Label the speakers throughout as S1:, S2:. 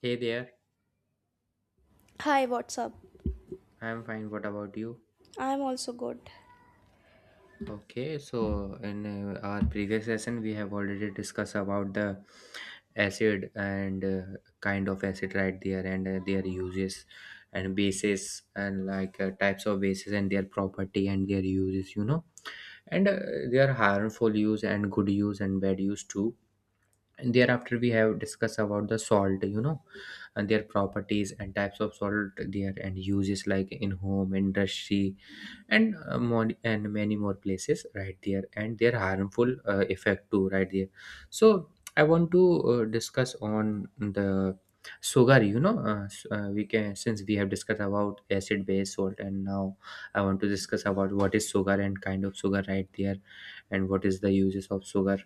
S1: Hey there,
S2: Hi, what's up?
S1: I'm fine. What about you?
S2: I'm also good.
S1: Okay, so in our previous session, we have already discussed about the acid and kind of acid right there and their uses and bases and like types of bases and their property and their uses, you know, and their harmful use and good use and bad use too. And thereafter, we have discussed about the salt, you know, and their properties and types of salt there and uses like in home industry and more, and many more places right there and their harmful effect too right there, so I want to discuss on the sugar, we can, since we have discussed about acid, base, salt, and now I want to discuss about what is sugar and kind of sugar right there and what is the uses of sugar.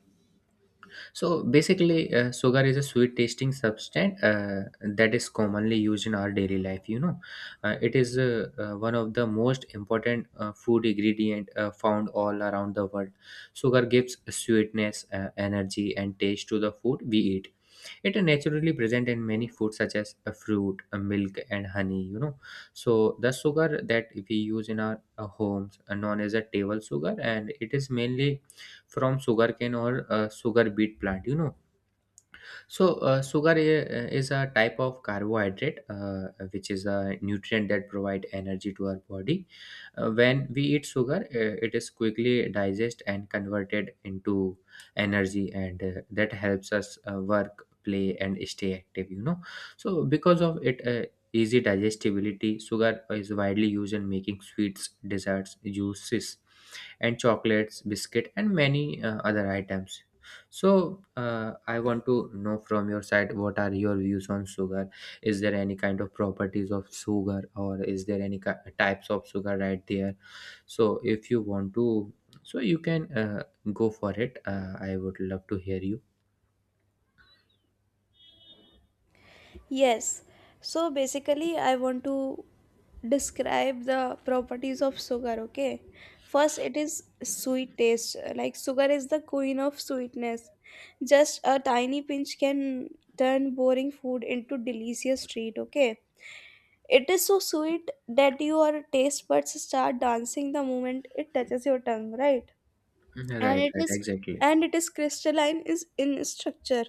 S1: So basically, sugar is a sweet tasting substance that is commonly used in our daily life. You know, it is one of the most important food ingredient found all around the world. Sugar gives sweetness, energy, and taste to the food we eat. It is naturally present in many foods such as a fruit, a milk, and honey, you know. So the sugar that we use in our homes are known as a table sugar, and it is mainly from sugarcane or sugar beet plant, you know. So, sugar is a type of carbohydrate, which is a nutrient that provide energy to our body. When we eat sugar, it is quickly digested and converted into energy, and that helps us work, play, and stay active. You know, so because of it. Easy digestibility, sugar is widely used in making sweets, desserts, juices, and chocolates, biscuit, and many other items. So, I want to know from your side, what are your views on sugar? Is there any kind of properties of sugar, or is there any types of sugar right there? So, if you want to, so you can go for it. I would love to hear you.
S2: Yes. So basically, I want to describe the properties of sugar, okay? First, it is sweet taste. Like, sugar is the queen of sweetness. Just a tiny pinch can turn boring food into delicious treat, okay? It is so sweet that your taste buds start dancing the moment it touches your tongue, right?
S1: Mhm,
S2: and
S1: right,
S2: it
S1: right,
S2: is
S1: exactly.
S2: and it is crystalline is in structure.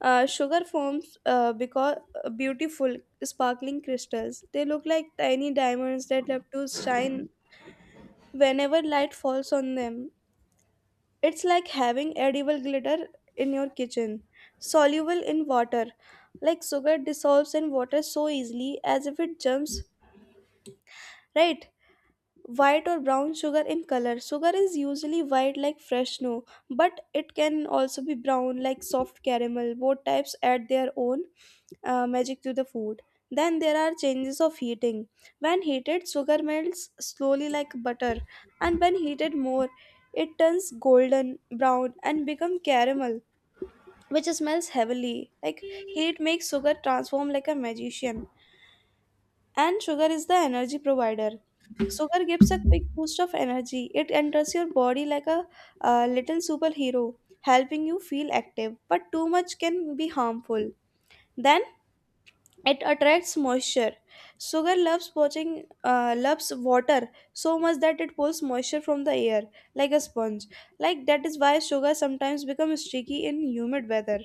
S2: Sugar forms because beautiful sparkling crystals, they look like tiny diamonds that love to shine whenever light falls on them. It's like having edible glitter in your kitchen. Soluble in water, like sugar dissolves in water so easily as if it jumps, right? White or brown sugar in color, sugar is usually white like fresh snow, but it can also be brown like soft caramel. Both types add their own magic to the food. Then there are changes of heating. When heated, sugar melts slowly like butter, and when heated more, it turns golden brown and become caramel, which smells heavily. Like, heat makes sugar transform like a magician. And sugar is the energy provider. Sugar gives a quick boost of energy. It enters your body like a little superhero, helping you feel active. But too much can be harmful. Then it attracts moisture. Sugar loves water so much that it pulls moisture from the air like a sponge. Like, that is why sugar sometimes becomes sticky in humid weather.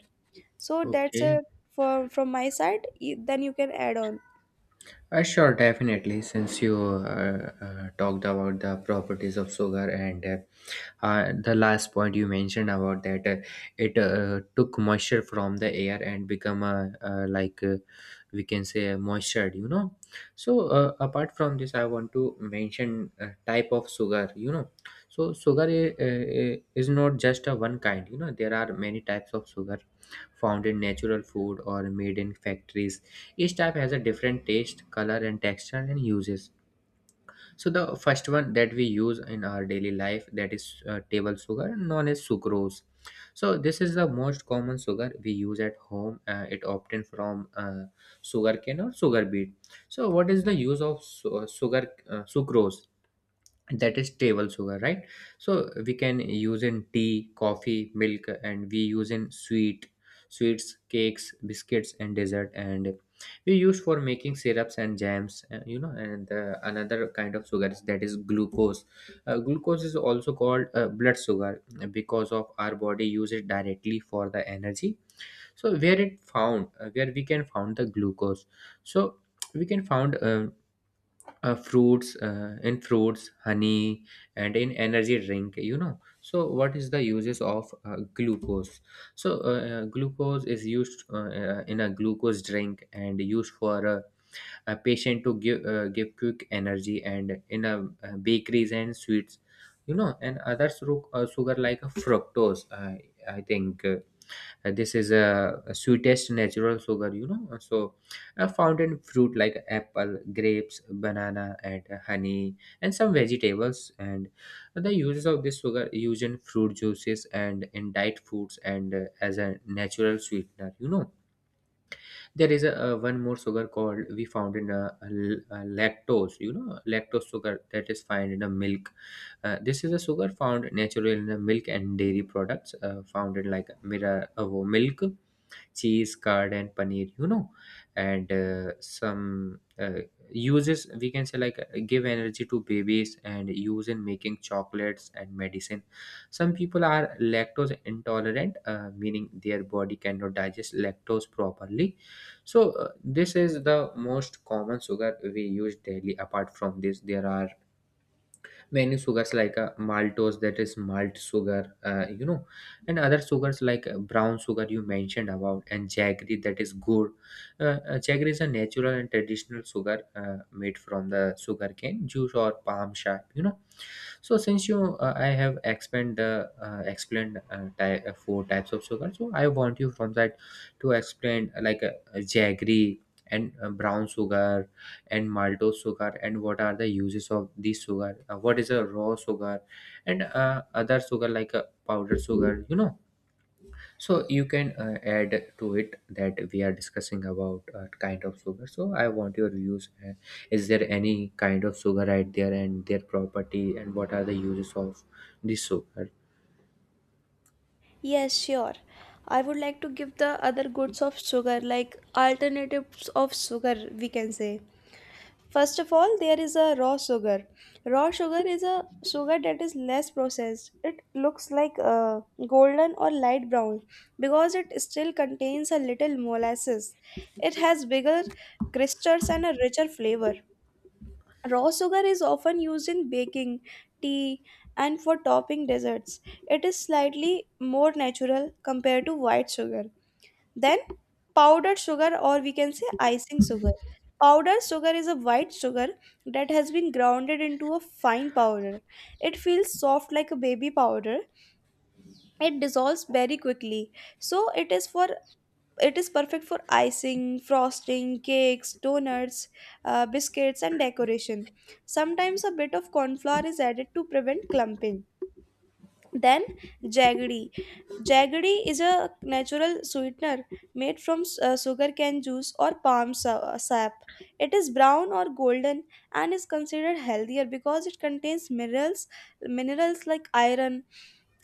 S2: So
S1: Okay.
S2: from my side. Then you can add on.
S1: Sure, definitely. Since you talked about the properties of sugar and the last point you mentioned about that it took moisture from the air and become a, we can say, a moisture, you know. So apart from this, I want to mention type of sugar, you know. So sugar is not just a one kind, you know. There are many types of sugar found in natural food or made in factories. Each type has a different taste, color, and texture, and uses. So the first one that we use in our daily life, that is table sugar, known as sucrose. So this is the most common sugar we use at home. It obtained from sugarcane or sugar beet. So what is the use of su- sugar sucrose? That is table sugar, right? So we can use in tea, coffee, milk, and we use in sweets, cakes, biscuits, and dessert, and we use for making syrups and jams, you know. And the another kind of sugar is, that is glucose. Uh, glucose is also called blood sugar, because of our body use it directly for the energy. So where it found, where we can found the glucose? So we can found, fruits in fruits, honey, and in energy drink, you know. So what is the uses of glucose? So glucose is used, in a glucose drink and used for a patient to give give quick energy and in a, bakeries and sweets, you know. And other sugar like fructose, I think this is a sweetest natural sugar, you know. So found in fruit like apple, grapes, banana, and honey and some vegetables. And the uses of this sugar, used in fruit juices and in diet foods and as a natural sweetener, you know. There is a, one more sugar called, we found in a, a a lactose, you know, lactose sugar, that is found in a milk. Uh, this is a sugar found naturally in the milk and dairy products, found in like mirror, milk, cheese, curd, and paneer, you know. And some uses, we can say, like give energy to babies and use in making chocolates and medicine. Some people are lactose intolerant, meaning their body cannot digest lactose properly. So this is the most common sugar we use daily. Apart from this, there are many sugars like maltose, that is malt sugar, you know, and other sugars like brown sugar you mentioned about, and jaggery, that is good. Uh, jaggery is a natural and traditional sugar made from the sugarcane juice or palm sap, you know. So, since you, I have expand the, explained four types of sugar, so I want you from that to explain, like jaggery and brown sugar and maltose sugar, and what are the uses of this sugar. What is a raw sugar and other sugar like powdered sugar, you know. So you can add to it, that we are discussing about kind of sugar. So I want your views, is there any kind of sugar right there and their property, and what are the uses of this sugar?
S2: Yes, sure. I would like to give the other goods of sugar, like alternatives of sugar, we can say. First of all, there is a raw sugar. Raw sugar is a sugar that is less processed. It looks like golden or light brown because it still contains a little molasses. It has bigger crystals and a richer flavor. Raw sugar is often used in baking, tea, and for topping desserts. It is slightly more natural compared to white sugar. Then, powdered sugar, or we can say icing sugar. Powdered sugar is a white sugar that has been grounded into a fine powder. It feels soft like a baby powder. It dissolves very quickly. So, it is perfect for icing, frosting, cakes, donuts, biscuits, and decoration. Sometimes a bit of corn flour is added to prevent clumping. Then jaggery. Jaggery is a natural sweetener made from sugarcane juice or palm sap. It is brown or golden and is considered healthier because it contains minerals like iron.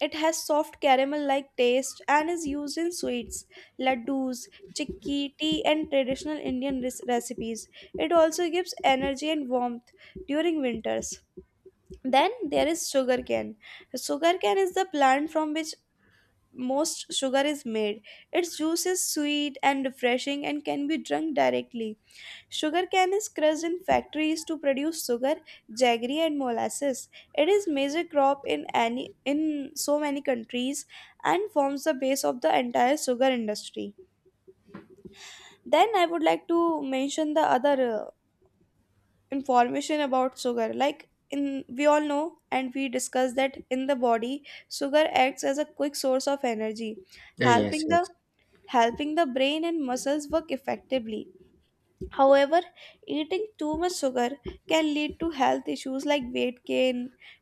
S2: It has soft caramel-like taste and is used in sweets, laddus, chikki, tea, and traditional Indian recipes. It also gives energy and warmth during winters. Then there is sugarcane. Sugarcane is the plant from which most sugar is made. Its juice is sweet and refreshing and can be drunk directly. Sugarcane is crushed in factories to produce sugar, jaggery and molasses. It is major crop in any in so many countries and forms the base of the entire sugar industry. Then I would like to mention the other information about sugar. Like, in we all know and we discussed that in the body, sugar acts as a quick source of energy,
S1: Uh, yes,
S2: helping the
S1: yes.
S2: helping the brain and muscles work effectively. However, eating too much sugar can lead to health issues like weight gain,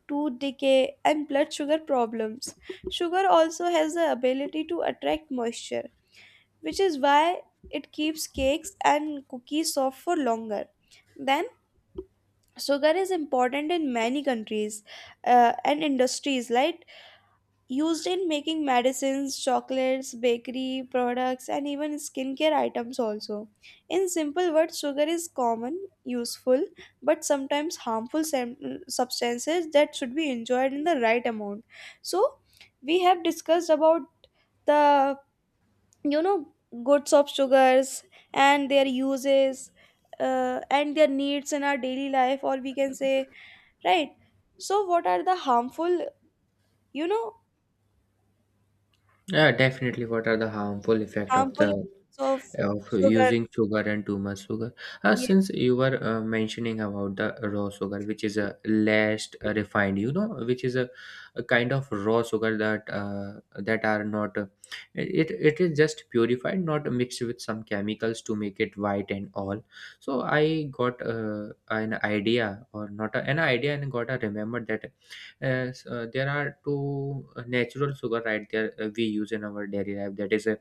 S2: tooth decay, and blood sugar problems. Sugar also has the ability to attract moisture, which is why it keeps cakes and cookies soft for longer. Then so, sugar is important in many countries and industries, like used in making medicines, chocolates, bakery products, and even skincare items. Also, in simple words, sugar is common, useful, but sometimes harmful substances that should be enjoyed in the right amount. So, we have discussed about the, you know, goods of sugars and their uses and their needs in our daily life, or we can say, right? So what are the harmful, you know,
S1: Yeah, definitely. What are the harmful effect of
S2: harmful
S1: the
S2: effects of
S1: of
S2: sugar?
S1: using sugar and too much sugar? Since
S2: Yes.
S1: you were mentioning about the raw sugar, which is a less refined, you know, which is a kind of raw sugar that that are not it, it is just purified, not mixed with some chemicals to make it white and all. So I got an idea, or not a, an idea, and got a remember that, there are two natural sugar right there we use in our daily life. That is a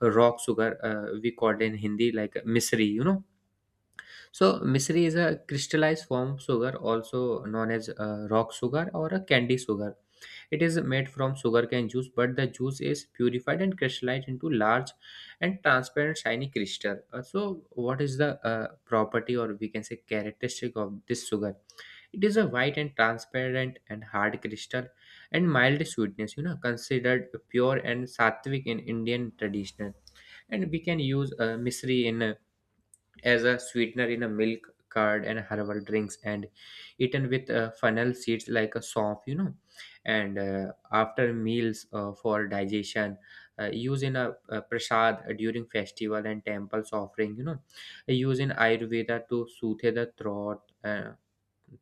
S1: rock sugar, we called in hindi like misri, you know. So misri is a crystallized form of sugar, also known as rock sugar or a candy sugar. It is made from sugarcane juice, but the juice is purified and crystallized into large and transparent shiny crystal. So, what is the property, or we can say, characteristic of this sugar? It is a white and transparent and hard crystal and mild sweetness, you know, considered pure and sattvic in Indian traditional. And we can use misri in, as a sweetener in a milk, curd, and herbal drinks, and eaten with fennel seeds like a soap, you know, and after meals for digestion, used in a, prasad during festival and temples offering, you know, used in ayurveda to soothe the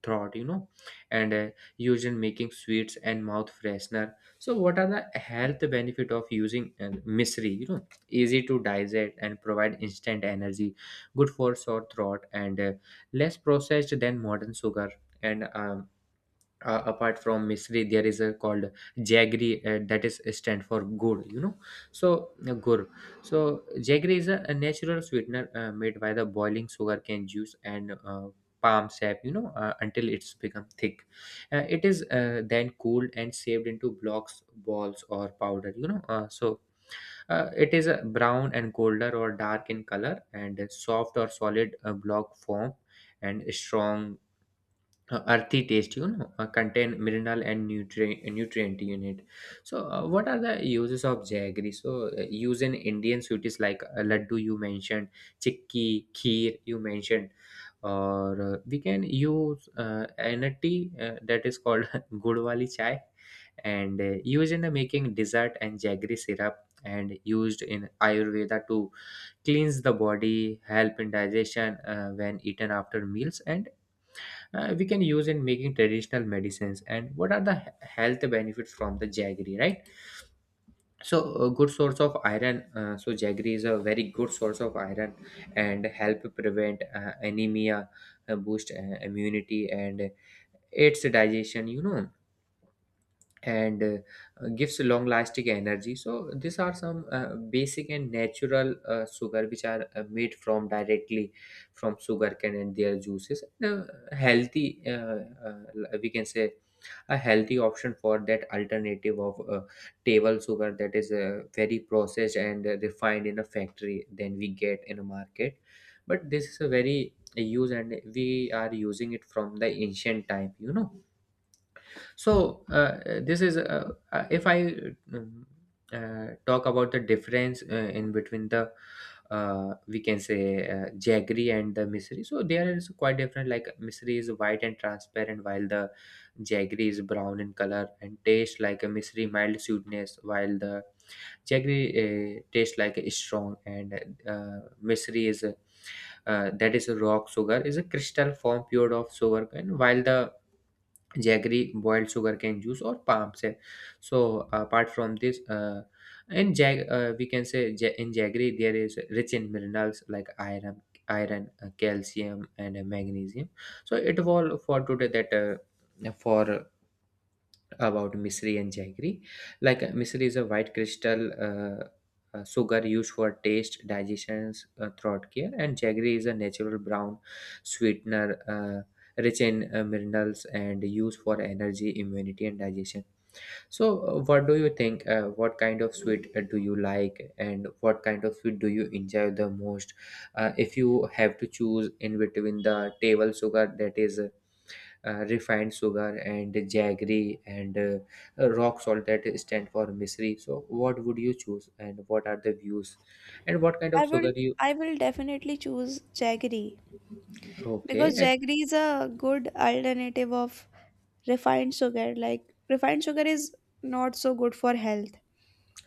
S1: throat, you know, and used in making sweets and mouth freshener. So what are the health benefit of using misery, you know? Easy to digest and provide instant energy, good for sore throat, and less processed than modern sugar. And apart from Misri, there is a called Jaggery, that is stand for good, you know. So gur. So Jaggery is a natural sweetener made by the boiling sugarcane juice and palm sap, you know, until it's become thick. It is then cooled and saved into blocks, balls, or powder, you know. It is brown and colder or dark in color and soft or solid block form and strong earthy taste. Contain mineral and nutrient in it. So what are the uses of jaggery? So used in indian sweets like laddu you mentioned, chikki kheer you mentioned, or we can use in a tea that is called gud wali chai, and used in the making dessert and jaggery syrup, and used in ayurveda to cleanse the body, help in digestion when eaten after meals, and we can use in making traditional medicines. And what are the health benefits from the jaggery, right? So a good source of iron. Uh, so jaggery is a very good source of iron and help prevent anemia, boost immunity, and aids digestion. And gives long lasting energy. So these are some basic and natural sugar which are made from directly from sugarcane and their juices, and healthy, we can say a healthy option for that alternative of table sugar that is very processed and refined in a factory than we get in a market. But this is a very use and we are using it from the ancient time. So this is if I um, talk about the difference in between the, we can say, jaggery and the misri. So there is quite different. Like misri is white and transparent, while the jaggery is brown in color and taste like a misri mild sweetness, while the jaggery tastes like a strong, and misri is a, that is a rock sugar, is a crystal form pure of sugar, and while the jaggery, boiled sugarcane juice, or palm sap. So apart from this, we can say in jaggery there is rich in minerals like iron, calcium, and magnesium. So it was for today that for about misery and jaggery. Like misery is a white crystal sugar used for taste, digestion, throat care, and jaggery is a natural brown sweetener. Rich in minerals and used for energy, immunity, and digestion. So, what do you think? What kind of sweet do you like, and what kind of sweet do you enjoy the most? If you have to choose in between the table sugar, that is refined sugar, and jaggery, and rock salt that stand for misery, so what would you choose and what are the views and what kind of
S2: I
S1: sugar
S2: will
S1: you...
S2: I will definitely choose jaggery
S1: Okay,
S2: because jaggery is a good alternative of refined sugar. Like, refined sugar is not so good for health.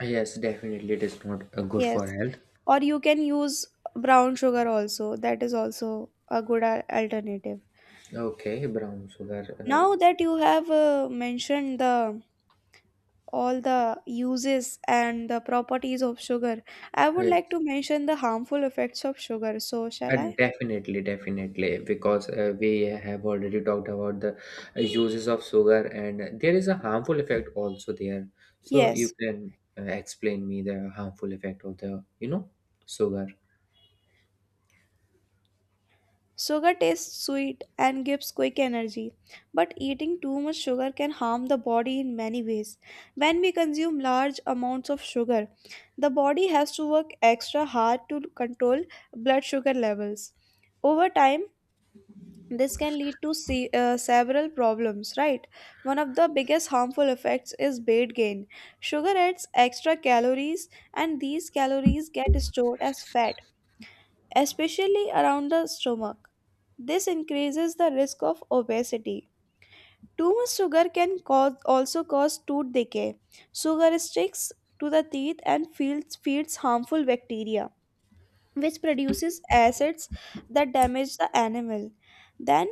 S1: yes, definitely it is not good for
S2: Yes.
S1: health.
S2: Or you can use brown sugar also. That is also a good alternative.
S1: Okay, brown sugar. Uh,
S2: Now that you have mentioned the all the uses and the properties of sugar, I would
S1: yeah,
S2: like to mention the harmful effects of sugar. So, shall I?
S1: definitely, definitely, because we have already talked about the uses of sugar, and there is a harmful effect also there. So you
S2: Yes,
S1: can explain me the harmful effect of the, you know, sugar.
S2: sugar tastes sweet and gives quick energy, but eating too much sugar can harm the body in many ways. When we consume large amounts of sugar, the body has to work extra hard to control blood sugar levels. Over time, this can lead to several problems, right? One of the biggest harmful effects is weight gain. Sugar adds extra calories, and these calories get stored as fat, especially around the stomach. This increases the risk of obesity. Too much sugar can cause also cause tooth decay. Sugar sticks to the teeth and feeds harmful bacteria, which produces acids that damage the animal. Then,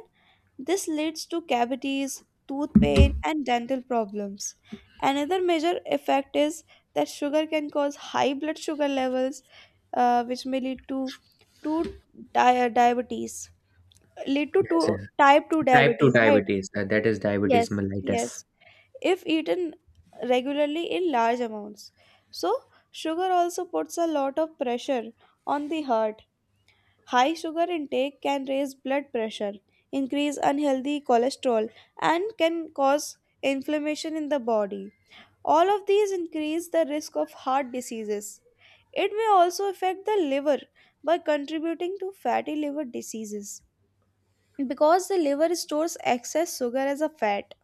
S2: this leads to cavities, tooth pain, and dental problems. Another major effect is that sugar can cause high blood sugar levels, which may lead to diabetes, lead
S1: Yes,
S2: to
S1: yes.
S2: type two
S1: Type 2
S2: diabetes, right?
S1: diabetes, that is diabetes
S2: Yes,
S1: mellitus.
S2: yes. If eaten regularly in large amounts, so sugar also puts a lot of pressure on the heart. High sugar intake can raise blood pressure, increase unhealthy cholesterol, and can cause inflammation in the body. All of these increase the risk of heart diseases. It may also affect the liver by contributing to fatty liver diseases because the liver stores excess sugar as a fat.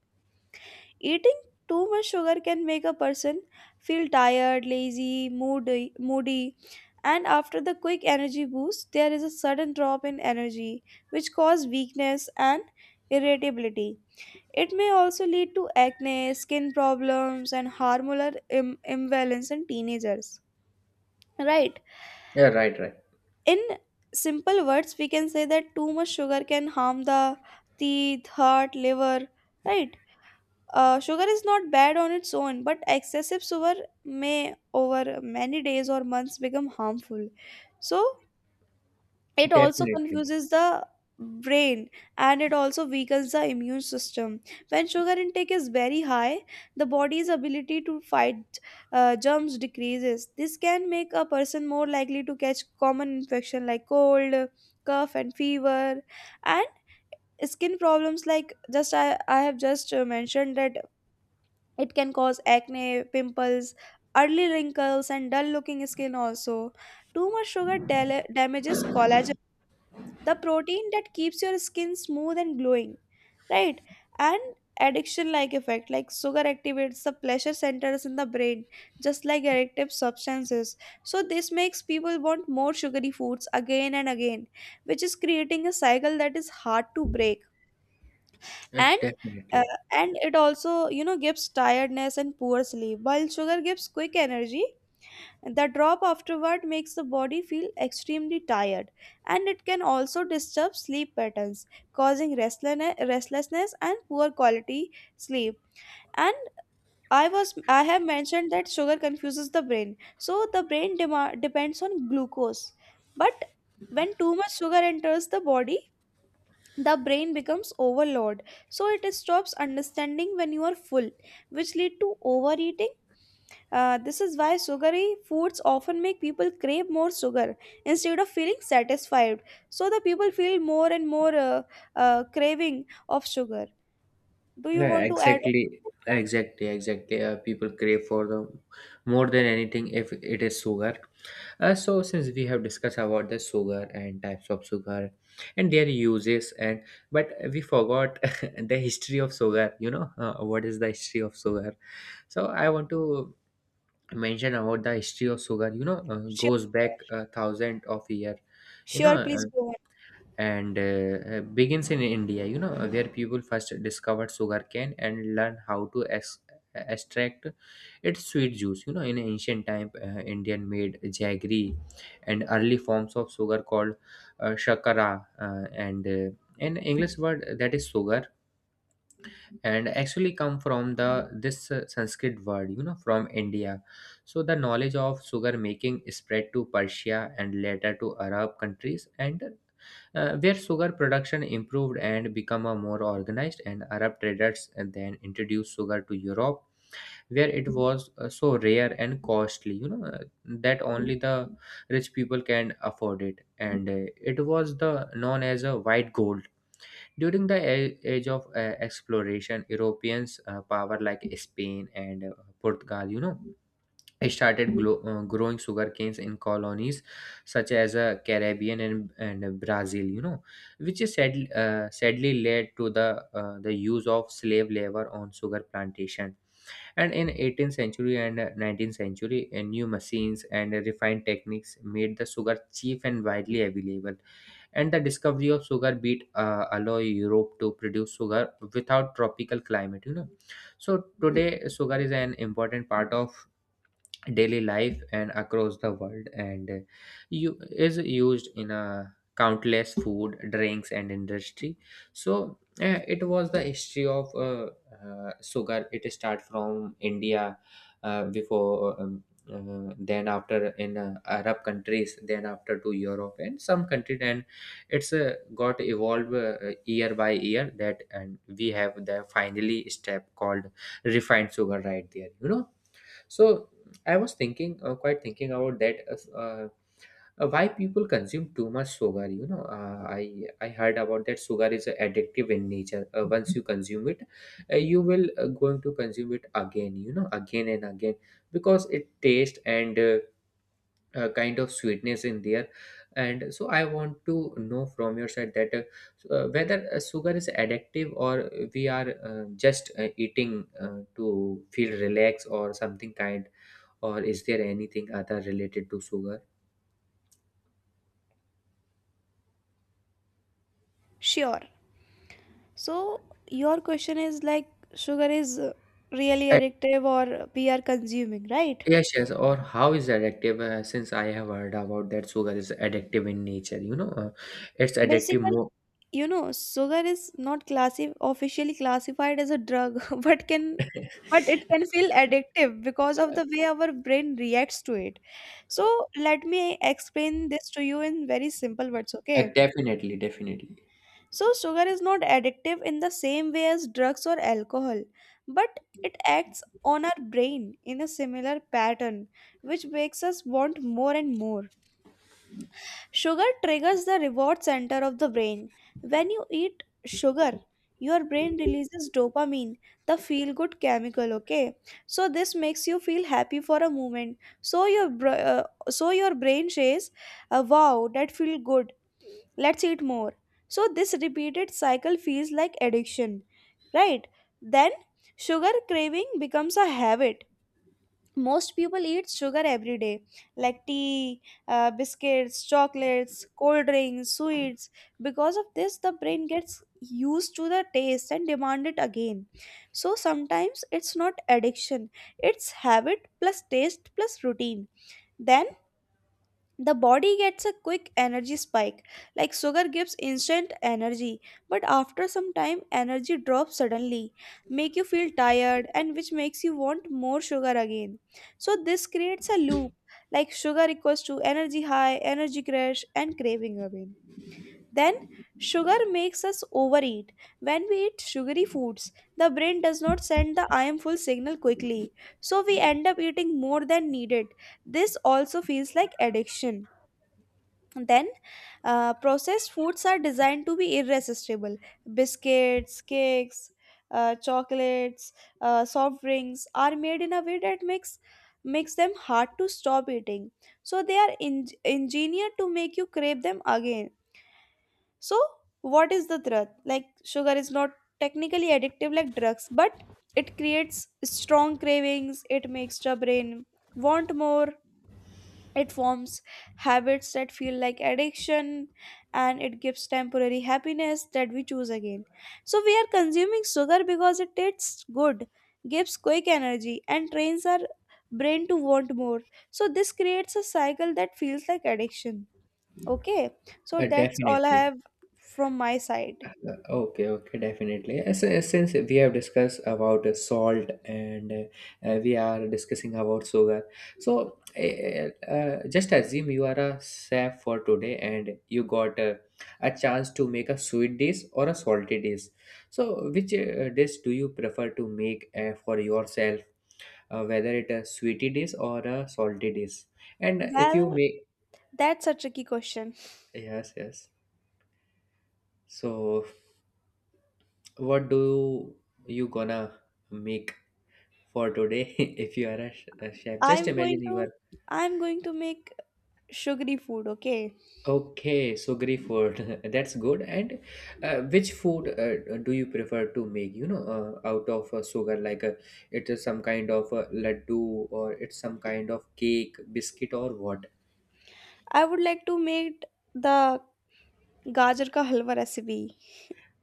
S2: Eating too much sugar can make a person feel tired, lazy, moody, and after the quick energy boost, there is a sudden drop in energy, which cause weakness and irritability. It may also lead to acne, skin problems, and hormonal imbalance in teenagers. Right.
S1: Yeah, right, right.
S2: In simple words, we can say that too much sugar can harm the teeth, heart, liver. Right. Sugar is not bad on its own, but excessive sugar may, over many days or months, become harmful. So, it also
S1: Definitely.
S2: confuses the brain, and it also weakens the immune system. When sugar intake is very high, the body's ability to fight germs decreases. This can make a person more likely to catch common infection like cold, cough, and fever, and skin problems. Like, just I have just mentioned that it can cause acne, pimples, early wrinkles, and dull looking skin also. Too much sugar damages collagen, the protein that keeps your skin smooth and glowing, right? And addiction like effect, like sugar activates the pleasure centers in the brain just like addictive substances, so this makes people want more sugary foods again and again, which is creating a cycle that is hard to break. and uh,
S1: Definitely.
S2: and it also, gives tiredness and poor sleep. While sugar gives quick energy, the drop afterward makes the body feel extremely tired, and it can also disturb sleep patterns, causing restlessness and poor quality sleep. And I have mentioned that sugar confuses the brain. So the brain depends on glucose, but when too much sugar enters the body, the brain becomes overloaded, so it stops understanding when you are full, which lead to overeating. This is why sugary foods often make people crave more sugar instead of feeling satisfied. So the people feel more and more craving of sugar. Do you
S1: Yeah,
S2: want to add
S1: exactly.
S2: on?
S1: Exactly, exactly. People crave for the more than anything if it is sugar. So since we have discussed about the sugar and types of sugar and their uses and but we forgot the history of sugar, you know, what is the history of sugar? So I want to mention about the history of sugar, you know,
S2: Sure.
S1: goes back thousand of year. you know
S2: Sure, please
S1: uh,
S2: go on.
S1: and begins in india, you know, where people first discovered sugarcane and learn how to extract its sweet juice, you know. In ancient time, indian made jaggery and early forms of sugar called shakara, and an english word that is sugar and actually come from the this sanskrit word, you know, from india. So the knowledge of sugar making spread to persia and later to arab countries and where sugar production improved and become a more organized, and arab traders then introduced sugar to europe, where it was so rare and costly, you know, that only the rich people can afford it, and it was the known as a white gold. During the age of exploration, Europeans, power like Spain and Portugal, you know, started growing sugar canes in colonies such as Caribbean and Brazil, you know, which is sadly, sadly led to the use of slave labor on sugar plantation. And in 18th century and 19th century, new machines and refined techniques made the sugar cheap and widely available, and the discovery of sugar beet allow europe to produce sugar without tropical climate, you know. So today sugar is an important part of daily life and across the world, and you is used in a countless food drinks and industry. So it was the history of sugar. It start from india, before then after in arab countries, then after to europe and some country. And it's got evolved year by year that, and we have the finally step called refined sugar right there, you know. So I was thinking, quite thinking about that. Why people consume too much sugar? You know, I heard about that sugar is addictive in nature. Once you consume it, you will going to consume it again. You know, again and again, because it taste and kind of sweetness in there. And so I want to know from your side that whether sugar is addictive, or we are just eating to feel relaxed or something kind, or is there anything other related to sugar?
S2: Sure. So your question is like sugar is really
S1: A-
S2: addictive, or we are consuming, right?
S1: Yes, yes. Or how is addictive? Since I have heard about that sugar is addictive in nature, you know, it's addictive
S2: Basically,
S1: more.
S2: you know, sugar is not officially classified as a drug, but can, but it can feel addictive because of the way our brain reacts to it. So let me explain this to you in very simple words, okay?
S1: Definitely, definitely,
S2: So sugar is not addictive in the same way as drugs or alcohol, but it acts on our brain in a similar pattern, which makes us want more and more. Sugar triggers the reward center of the brain. When you eat sugar, your brain releases dopamine, the feel good chemical, okay? So this makes you feel happy for a moment. So your brain says, "Wow, that feel good. Let's eat more." So this repeated cycle feels like addiction, right? Then sugar craving becomes a habit. Most people eat sugar every day, like tea, biscuits, chocolates, cold drinks, sweets. Because of this the brain gets used to the taste and demand it again. So sometimes it's not addiction, it's habit plus taste plus routine. Then the body gets a quick energy spike, like sugar gives instant energy, but after some time energy drops suddenly, make you feel tired and which makes you want more sugar again. So this creates a loop, like sugar equals to energy, high energy crash and craving again. Then sugar makes us overeat. When we eat sugary foods, the brain does not send the I am full signal quickly, so we end up eating more than needed. This also feels like addiction. then, processed foods are designed to be irresistible. Biscuits, cakes, chocolates, soft drinks are made in a way that makes them hard to stop eating. So they are engineered to make you crave them again. So what is the truth? Like, sugar is not technically addictive like drugs, but it creates strong cravings. It makes your brain want more. It forms habits that feel like addiction, and it gives temporary happiness that we choose again. So we are consuming sugar because it tastes good, gives quick energy, and trains our brain to want more. So this creates a cycle that feels like addiction. Okay, so that's all I
S1: definitely.
S2: have from my side.
S1: Okay, okay, definitely. Since we have discussed about salt and we are discussing about sugar, so just assume you are a chef for today and you got a chance to make a sweet dish or a salty dish. So, which dish do you prefer to make for yourself, whether it a sweetie dish or a salty dish? And if you
S2: Well,
S1: make,
S2: that's a tricky question.
S1: yes, yes. So, what do you gonna make? For today, if you are a, a chef, just
S2: I'm going
S1: imagine you
S2: to
S1: are...
S2: I'm going to make sugary food, okay?
S1: Okay, so sugary food. That's good. And which food do you prefer to make, you know, out of sugar, like it is some kind of laddu or it's some kind of cake, biscuit, or what?
S2: I would like to make the Gajar ka halwa recipe.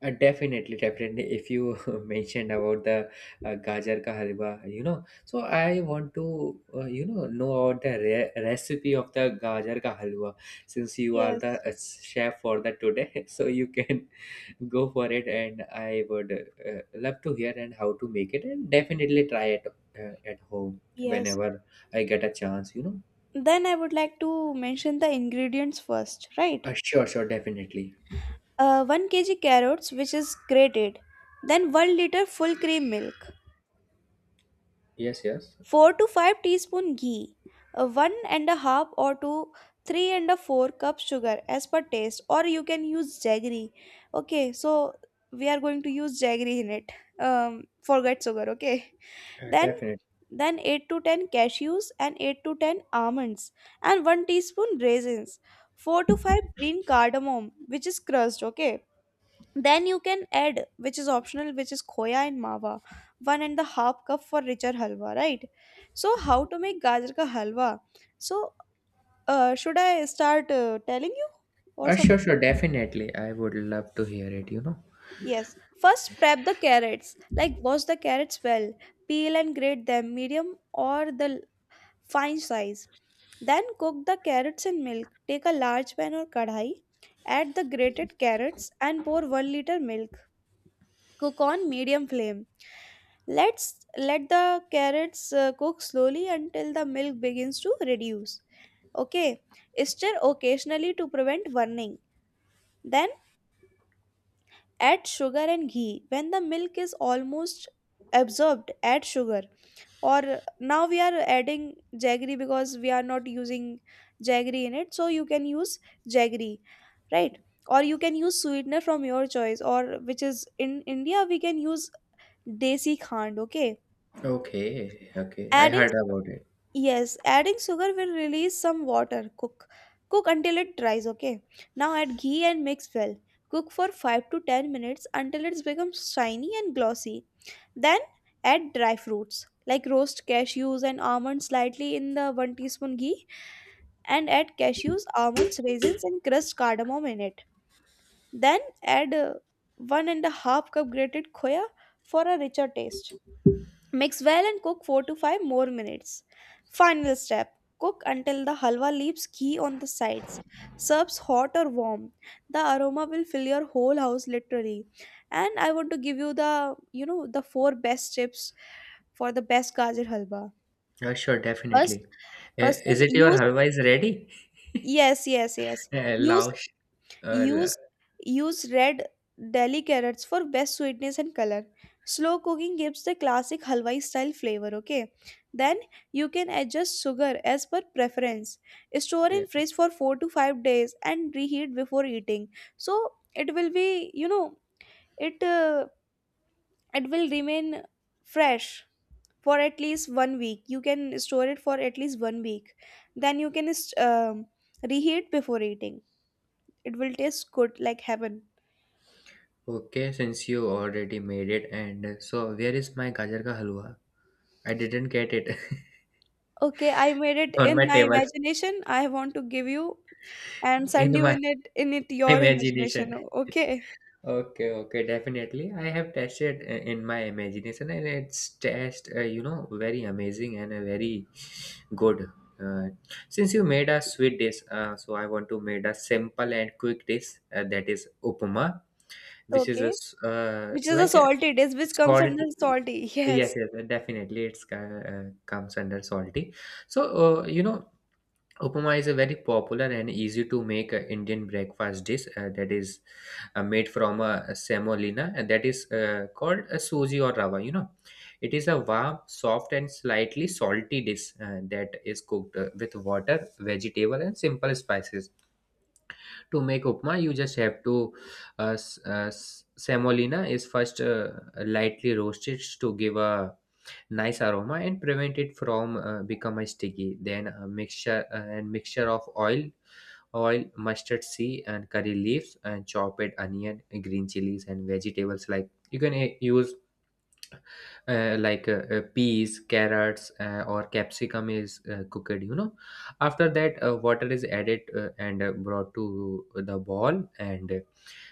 S1: Definitely, definitely. If you mentioned about the gajar ka halwa, you know, so I want to, you know about the recipe of the gajar ka halwa. Since you are the
S2: Yes,
S1: chef for the today, so you can go for it, and I would uh, love to hear and how to make it, and definitely try it at home
S2: yes.
S1: whenever I get a chance. You know,
S2: Then I would like to mention the ingredients first, right?
S1: sure, sure, definitely.
S2: 1 kg carrots, which is grated. Then 1 liter full cream milk.
S1: Yes, yes,
S2: 4 to 5 teaspoon ghee, 1 and a half or 2 3 and a 4 cup sugar as per taste, or you can use jaggery. Okay, so we are going to use jaggery in it. Um, forget sugar, okay? Then
S1: definitely.
S2: then 8 to 10 cashews and 8 to 10 almonds and 1 teaspoon raisins, 4 to 5 green cardamom which is crushed, okay? Then you can add, which is optional, which is khoya and mawa, one and a half cup for richer halwa, right? So, how to make gajar ka halwa? So, should I start telling you or
S1: Sure,
S2: something?
S1: sure, definitely. I would love to hear it. You know.
S2: Yes. First, prep the carrots. Like, wash the carrots well, peel and grate them medium or the fine size. Then, cook the carrots in milk. Take a large pan or kadhai, add the grated carrots, and pour 1 liter milk. Cook on medium flame. Let's let the carrots cook slowly until the milk begins to reduce. Okay, stir occasionally to prevent burning. Then add sugar and ghee. When the milk is almost absorbed, add sugar. Or now we are adding jaggery because we are not using jaggery in it, so you can use jaggery, right? Or you can use sweetener from your choice, or which is in India we can use desi khand. Okay.
S1: Okay, okay. I
S2: Adding
S1: heard
S2: su-
S1: about it.
S2: yes, adding sugar will release some water. Cook. Cook until it dries, okay? Now add ghee and mix well. Cook for 5 to 10 minutes until it becomes shiny and glossy. Then add dry fruits like roast cashews and almonds slightly in the 1 teaspoon ghee, and add cashews, almonds, raisins and crushed cardamom in it. Then add one and a half cup grated khoya for a richer taste. Mix well and cook 4 to 5 more minutes. Final step, cook until the halwa leaves ghee on the sides. Serves hot or warm. The aroma will fill your whole house literally. And I want to give you, the you know, the four best tips for the best gajar halwa.
S1: Sure,
S2: First,
S1: definitely.
S2: first
S1: Is
S2: is
S1: it your
S2: use
S1: halwa is ready?
S2: yes, yes, yes. use
S1: Laosh. Uh, la-
S2: Use use red deli carrots for best sweetness and color. Slow cooking gives the classic halwa style flavor, okay? Then you can adjust sugar as per preference. Store
S1: yeah.
S2: in fridge for 4 to 5 days and reheat before eating. So it will be, you know, it uh, it will remain fresh for at least one week. You can store it for at least one week. Then you can reheat before eating. It will taste good like heaven.
S1: Okay, since you already made it, and so where is my gajar ka halwa? I didn't get it.
S2: Okay, I made it
S1: On
S2: in
S1: my
S2: my
S1: table,
S2: imagination. I want to give you and
S1: in
S2: send you
S1: my
S2: in it your imagination.
S1: imagination.
S2: Okay.
S1: Okay, okay, definitely. I have tested in my imagination, and it's test, you know, very amazing and very good. Uh, since you made a sweet dish, so I want to made a simple and quick dish that is upma, which is a
S2: Okay. Which is a
S1: like a
S2: salty dish, which comes under
S1: salty.
S2: salty.
S1: Yes,
S2: Yes.
S1: yes, definitely, it's comes under salty. So you know. Upma is a very popular and easy to make Indian breakfast dish that is made from semolina, and that is called a suji or rava. You know, it is a warm, soft, and slightly salty dish that is cooked with water, vegetable, and simple spices. To make upma, you just have to semolina is first lightly roasted to give a nice aroma and prevent it from becoming sticky. Then a mixture of oil, mustard seed, and curry leaves, and chopped onion, green chilies, and vegetables like, you can use peas, carrots, or capsicum is cooked, you know. After that, water is added, and brought to the boil, and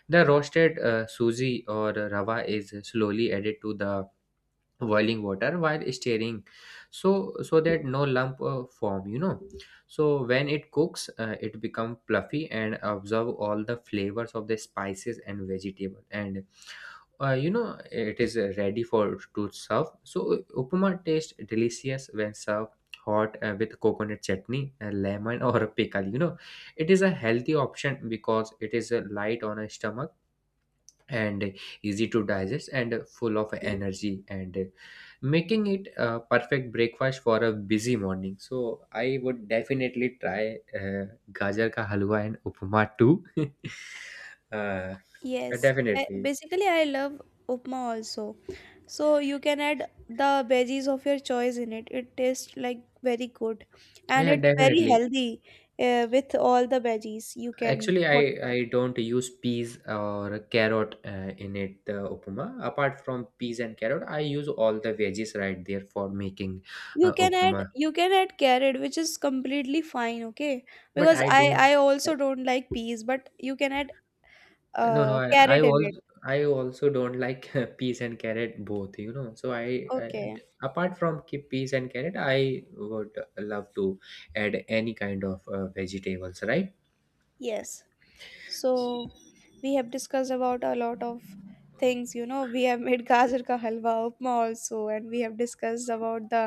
S1: the roasted suji or rava is slowly added to the boiling water while stirring, so so that no lump form, you know. So when it cooks, it become fluffy and absorb all the flavors of the spices and vegetable, and you know, it is ready for to serve. So upma tastes delicious when served hot with coconut chutney, lemon, or pickle, you know. It is a healthy option because it is light on a stomach and easy to digest and full of energy, and making it a perfect breakfast for a busy morning. So I would definitely try gajar ka halwa and upma too. Uh,
S2: Yes.
S1: definitely.
S2: Basically, I love upma also. So you can add the veggies of your choice in it. It tastes like very good and
S1: Yeah,
S2: it's very
S1: definitely.
S2: healthy, with all the veggies you can
S1: Actually, i
S2: put it.
S1: i don't use peas or carrot in it the upma. Apart from peas and carrot, I use all the veggies right there for making
S2: you can
S1: upma,
S2: add you can add carrot, which is completely fine, okay?
S1: but
S2: Because
S1: I
S2: i
S1: don't...
S2: i also don't like peas, but you can add
S1: No, no, I, I
S2: carrot in it.
S1: also I also don't like peas and carrot both, you know. So I
S2: Okay,
S1: apart from peas and carrot, I would love to add any kind of vegetables, right?
S2: yes. So we have discussed about a lot of things, you know. We have made gajar ka halwa, upma also, and we have discussed about the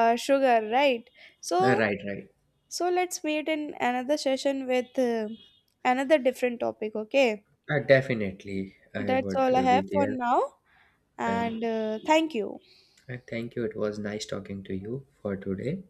S2: sugar, right? So,
S1: Right, right.
S2: so let's meet in another session with another different topic, okay?
S1: Definitely, I
S2: That's
S1: would
S2: all I
S1: be
S2: have for
S1: there.
S2: now, and
S1: Um,
S2: thank you.
S1: thank you. It was nice talking to you for today.